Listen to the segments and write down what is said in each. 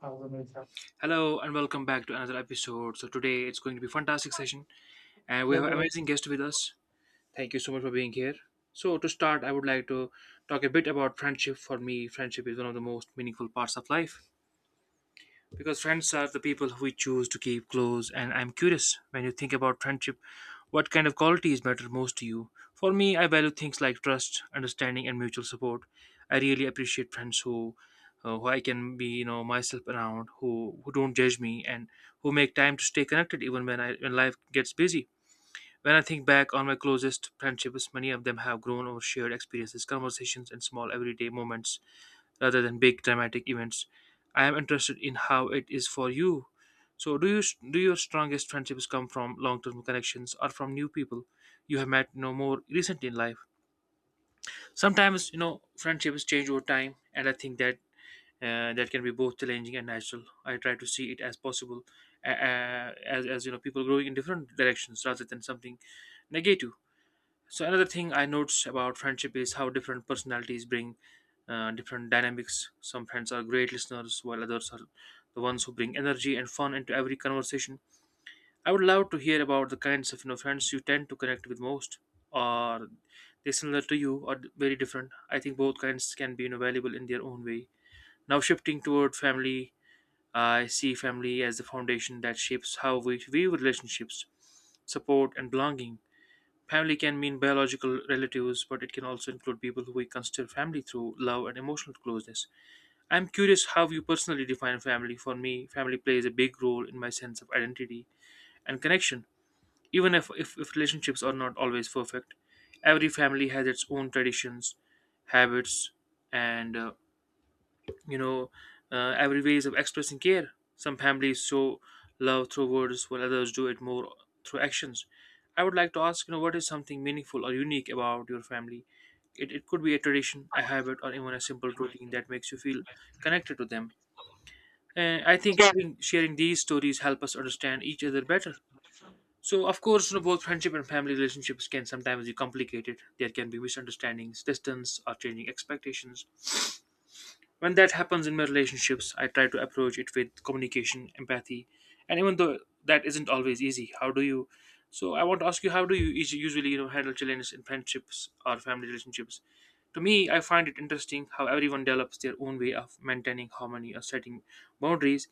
Uh, so, uh, Hello and welcome back to another episode. So today it's going to be a fantastic session and we you have know, amazing guest with us. Thank you so much for being here. So to start, I would like to talk a bit about friendship. For me, friendship is one of the most meaningful parts of life because friends are the people who we choose to keep close, and I'm curious, when you think about friendship, what kind of qualities matter most to you? For me, I value things like trust, understanding, and mutual support. I really appreciate friends who I can be, you know, myself around, who don't judge me, and who make time to stay connected even when life gets busy. When I think back on my closest friendships, many of them have grown over shared experiences, conversations, and small everyday moments rather than big dramatic events. I am interested in how it is for you. So, do your strongest friendships come from long-term connections or from new people you have met, you know, more recently in life? Sometimes, you know, friendships change over time, and I think that can be both challenging and natural. I try to see it as possible, as you know, people growing in different directions rather than something negative. So another thing I notice about friendship is how different personalities bring different dynamics. Some friends are great listeners, while others are the ones who bring energy and fun into every conversation. I would love to hear about the kinds of, you know, friends you tend to connect with most, or they similar to you or very different. I think both kinds can be, you know, valuable in their own way. Now shifting toward family, I see family as the foundation that shapes how we view relationships, support, and belonging. Family can mean biological relatives, but it can also include people who we consider family through love and emotional closeness. I'm curious how you personally define family. For me, family plays a big role in my sense of identity and connection, even if relationships are not always perfect. Every family has its own traditions, habits, and you know, every ways of expressing care. Some families show love through words, while others do it more through actions. I would like to ask, you know, what is something meaningful or unique about your family? It could be a tradition, a habit, or even a simple routine that makes you feel connected to them. And I think sharing these stories help us understand each other better. So, of course, you know, both friendship and family relationships can sometimes be complicated. There can be misunderstandings, distance, or changing expectations. When that happens in my relationships, I try to approach it with communication, empathy, and even though that isn't always easy, how do you? So I want to ask you, how do you usually, you know, handle challenges in friendships or family relationships? To me, I find it interesting how everyone develops their own way of maintaining harmony or setting boundaries.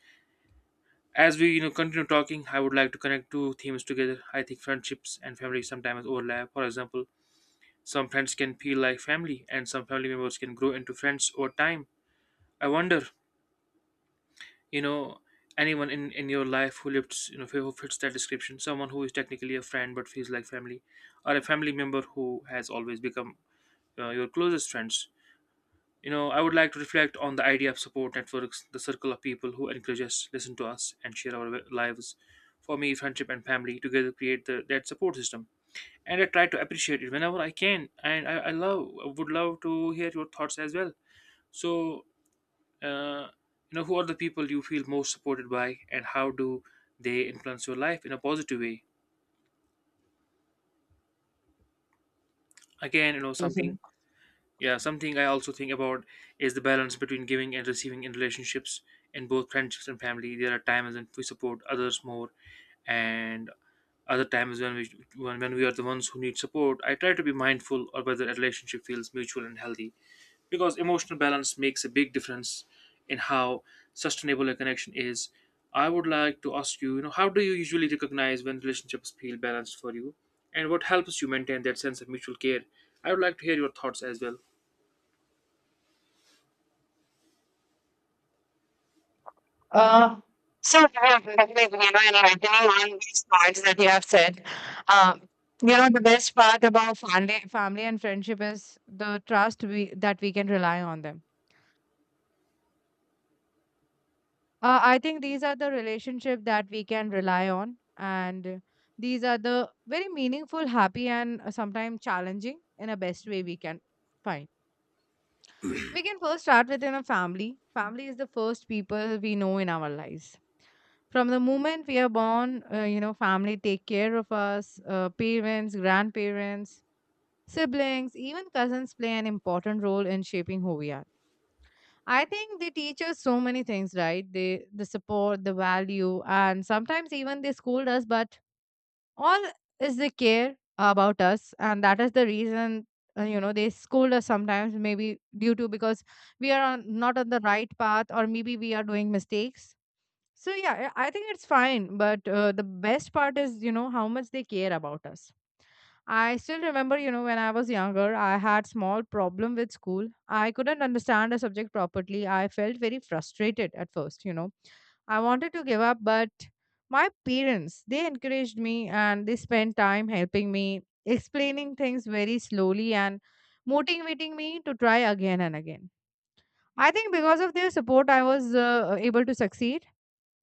As we, you know, continue talking, I would like to connect two themes together. I think friendships and family sometimes overlap. For example, some friends can feel like family, and some family members can grow into friends over time. I wonder, you know, anyone in your life who lives you know who fits that description, someone who is technically a friend but feels like family, or a family member who has always become your closest friends. You know, I would like to reflect on the idea of support networks, the circle of people who encourage us, listen to us, and share our lives. For me, friendship and family together create that support system, and I try to appreciate it whenever I can. And I would love to hear your thoughts as well. So uh, you know, who are the people you feel most supported by, and how do they influence your life in a positive way? Again, you know, something I also think about is the balance between giving and receiving in relationships. In both friendships and family, there are times when we support others more, and other times when we are the ones who need support. I try to be mindful of whether a relationship feels mutual and healthy because emotional balance makes a big difference in how sustainable a connection is. I would like to ask you, you know how do you usually recognize when relationships feel balanced for you, and what helps you maintain that sense of mutual care? I would like to hear your thoughts as well. in writing on these points that you have said, um, the best part about family and friendship is the trust we that we can rely on them. I think these are the relationship that we can rely on, and these are the very meaningful, happy, and sometimes challenging in a best way we can find. We can first start within a family. Family is the first people we know in our lives. From the moment we are born, family take care of us. Parents, grandparents, siblings, even cousins play an important role in shaping who we are. I think they teach us so many things, right? They the support, the value, and sometimes even they scold us, but all is they care about us, and that is the reason they scold us sometimes maybe due to because we are on, not on the right path, or maybe we are doing mistakes. So yeah, I think it's fine, but the best part is, you know, how much they care about us. I still remember, you know, when I was younger, I had small problem with school. I couldn't understand a subject properly. I felt very frustrated at first, you know. I wanted to give up, but my parents, they encouraged me, and they spent time helping me, explaining things very slowly and motivating me to try again and again. I think because of their support, I was able to succeed.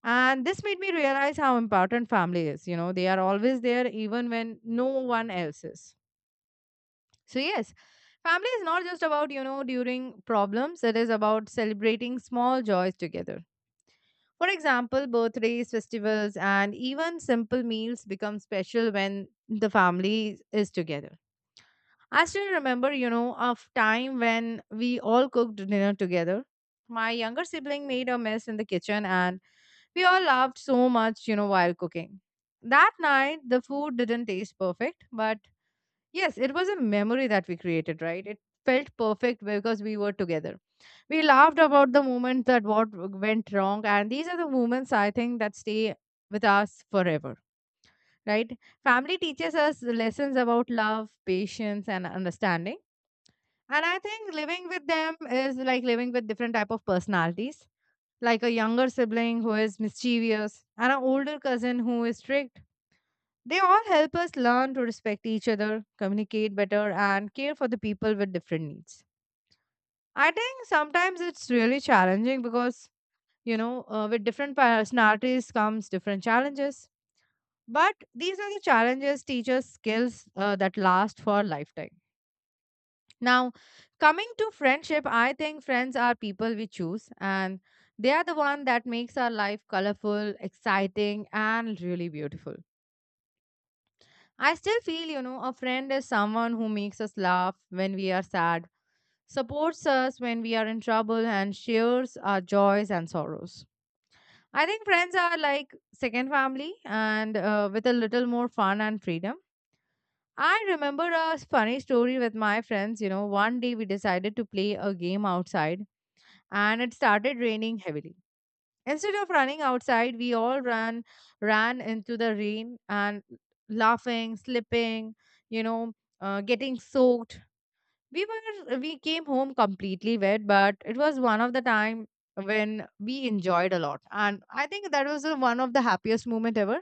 And this made me realize how important family is. You know, they are always there even when no one else is. So, yes, family is not just about, you know, during problems, it is about celebrating small joys together. For example, birthdays, festivals, and even simple meals become special when the family is together. I still remember, you know, of time when we all cooked dinner together. My younger sibling made a mess in the kitchen, and we all laughed so much, you know, while cooking. That night, the food didn't taste perfect, but yes, it was a memory that we created, right? It felt perfect because we were together. We laughed about the moment that what went wrong, and these are the moments I think that stay with us forever, right? Family teaches us the lessons about love, patience, and understanding. And I think living with them is like living with different type of personalities, like a younger sibling who is mischievous and an older cousin who is strict. They all help us learn to respect each other, communicate better, and care for the people with different needs. I think sometimes it's really challenging because, with different personalities comes different challenges. But these are the challenges teach us skills that last for a lifetime. Now, coming to friendship, I think friends are people we choose, and they are the one that makes our life colorful, exciting, and really beautiful. I still feel, you know, a friend is someone who makes us laugh when we are sad, supports us when we are in trouble, and shares our joys and sorrows. I think friends are like second family, and with a little more fun and freedom. I remember a funny story with my friends. You know, one day we decided to play a game outside, and it started raining heavily. Instead of running outside, we all ran into the rain and laughing, slipping, you know, getting soaked. We came home completely wet, but it was one of the time when we enjoyed a lot, and I think that was the one of the happiest moment ever.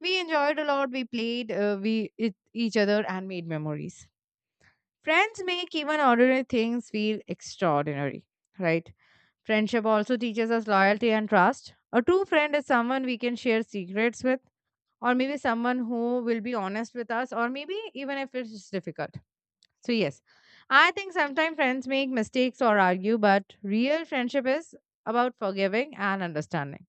We enjoyed a lot. We played, we it, each other, and made memories. Friends make even ordinary things feel extraordinary, right? Friendship also teaches us loyalty and trust. A true friend is someone we can share secrets with, or maybe someone who will be honest with us, or maybe even if it's difficult. So, yes, I think sometimes friends make mistakes or argue, but real friendship is about forgiving and understanding.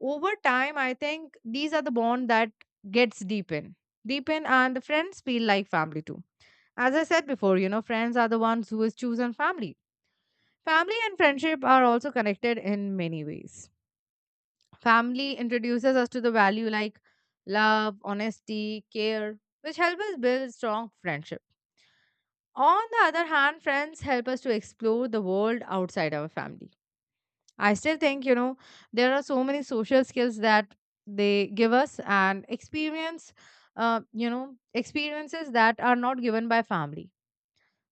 Over time, I think these are the bond that gets deepen. Deepen, and the friends feel like family too. As I said before, you know, friends are the ones who is chosen family. Family and friendship are also connected in many ways. Family introduces us to the value like love, honesty, care, which help us build strong friendship. On the other hand, friends help us to explore the world outside our family. I still think, you know, there are so many social skills that they give us and experience, you know, experiences that are not given by family.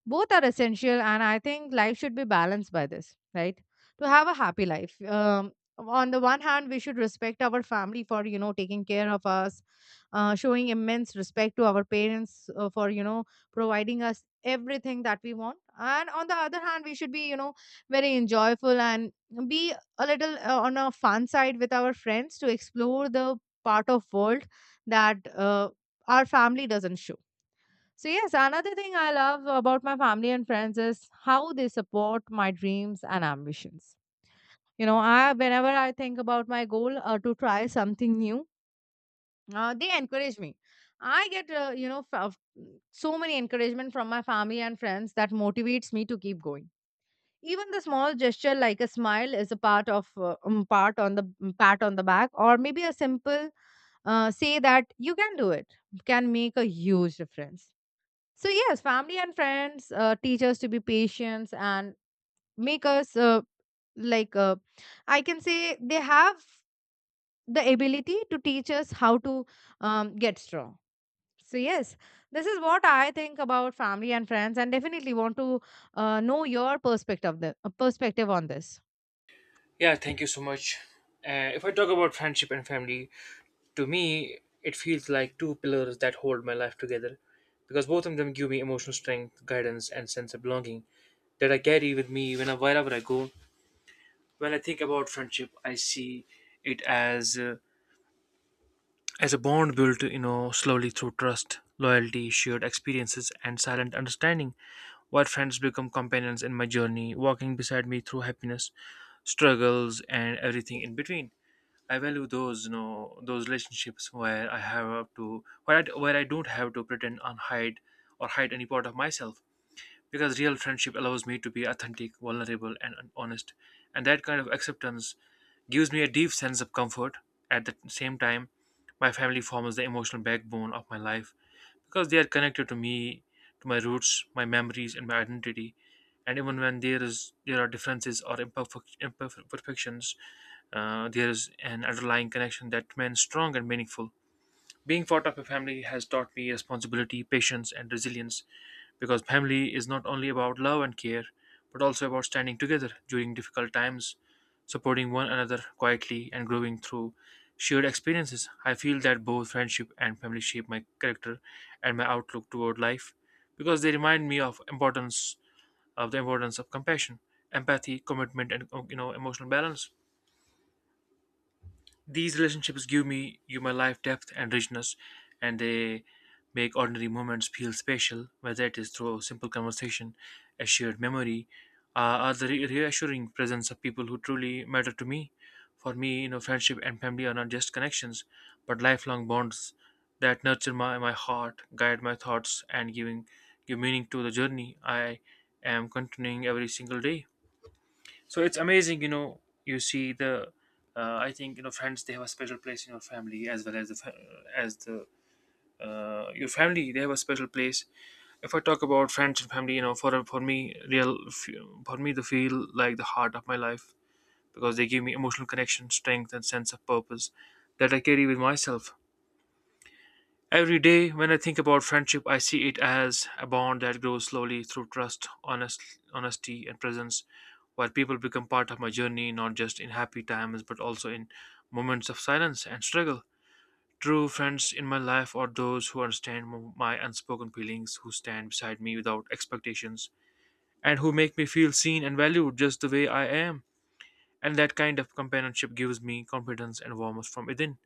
Both are essential, and I think life should be balanced by this, right? To have a happy life, on the one hand we should respect our family for, you know, taking care of us, showing immense respect to our parents, for, you know, providing us everything that we want, and on the other hand we should be, you know, very enjoyable and be a little, on a fun side with our friends to explore the part of world that our family doesn't show. So, yes, another thing I love about my family and friends is how they support my dreams and ambitions. You know, I whenever I think about my goal to try something new, they encourage me. I get so many encouragement from my family and friends that motivates me to keep going. Even the small gesture like a smile is a part of part on the pat on the back, or maybe a simple say that you can do it can make a huge difference. So yes, family and friends teach us to be patient and make us like uh, I can say they have the ability to teach us how to get strong. So yes, this is what I think about family and friends, and definitely want to know your perspective of the perspective on this. Yeah, thank you so much. If I talk about friendship and family, to me it feels like two pillars that hold my life together because both of them give me emotional strength, guidance, and sense of belonging that I carry with me wherever I go. When I think about friendship, I see it as a bond built, you know, slowly through trust, loyalty, shared experiences, and silent understanding. While friends become companions in my journey, walking beside me through happiness, struggles, and everything in between. I value those relationships where I don't have to pretend and hide or hide any part of myself. Because real friendship allows me to be authentic, vulnerable, and honest, and that kind of acceptance gives me a deep sense of comfort. At the same time, my family forms the emotional backbone of my life because they are connected to me, to my roots, my memories, and my identity. And even when there are differences or imperfections, there is an underlying connection that remains strong and meaningful. Being part of a family has taught me responsibility, patience, and resilience because family is not only about love and care but also about standing together during difficult times, supporting one another quietly, and growing through shared experiences. I feel that both friendship and family shape my character and my outlook toward life because they remind me of importance of the importance of compassion, empathy, commitment, and, you know, emotional balance. These relationships give me you my life depth and richness, and they make ordinary moments feel special, whether it is through a simple conversation, a shared memory, or the reassuring presence of people who truly matter to me. For me, you know, friendship and family are not just connections, but lifelong bonds that nurture my heart, guide my thoughts, and giving give meaning to the journey I am continuing every single day. So it's amazing, you know, you see the I think, you know, friends, they have a special place in your family, as well as the your family, they have a special place. If I talk about friends and family, real for me, they feel like the heart of my life because they give me emotional connection, strength, and sense of purpose that I carry with myself every day. When I think about friendship, I see it as a bond that grows slowly through trust, honesty, and presence, where people become part of my journey, not just in happy times, but also in moments of silence and struggle. True friends in my life are those who understand my unspoken feelings, who stand beside me without expectations, and who make me feel seen and valued just the way I am. And that kind of companionship gives me confidence and warmth from within.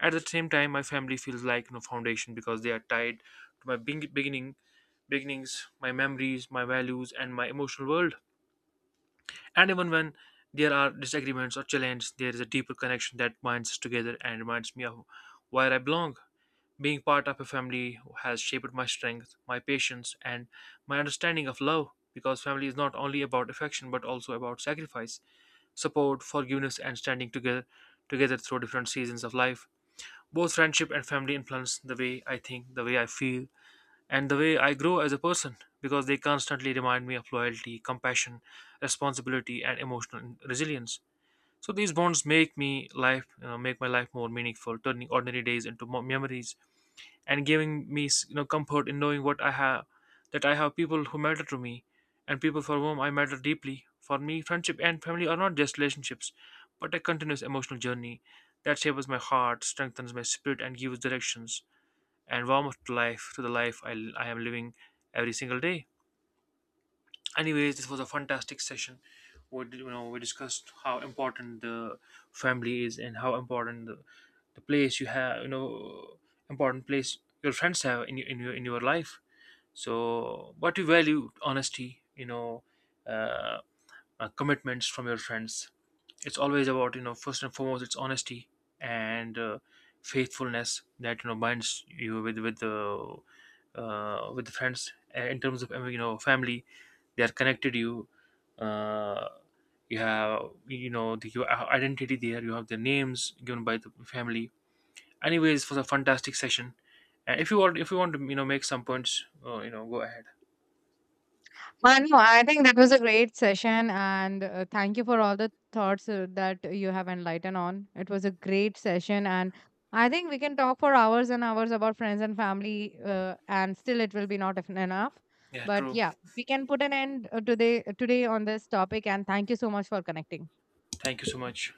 At the same time, my family feels like no foundation because they are tied to my beginnings, my memories, my values, and my emotional world. And even when there are disagreements or challenges, there is a deeper connection that binds us together and reminds me of where I belong. Being part of a family has shaped my strength, my patience, and my understanding of love because family is not only about affection but also about sacrifice, support, forgiveness, and standing together through different seasons of life. Both friendship and family influence the way I think, the way I feel, and the way I grow as a person because they constantly remind me of loyalty, compassion, responsibility, and emotional resilience. So these bonds make me life, you know, make my life more meaningful, turning ordinary days into more memories and giving me, you know, comfort in knowing what I have that I have people who matter to me and people for whom I matter deeply. For me, friendship and family are not just relationships, but a continuous emotional journey that shapes my heart, strengthens my spirit, and gives directions and warmth to the life I am living every single day. Anyways, this was a fantastic session. We discussed how important the family is, and how important the place you have, you know, important place your friends have in your life. So what you value, honesty, you know, uh, commitments from your friends. It's always about, you know, first and foremost, it's honesty and faithfulness that, you know, binds you with the, with the friends. In terms of, you know, family, they are connected, uh, you have, you know, your identity there, you have the names given by the family. Anyways, for the fantastic session, and if you want, to, you know, make some points, you know, go ahead. No, I think that was a great session, and thank you for all the thoughts that you have enlightened on. It was a great session, and I think we can talk for hours and hours about friends and family, and still it will be not enough. Yeah, But true. yeah, we can put an end today on this topic, and thank you so much for connecting. Thank you so much.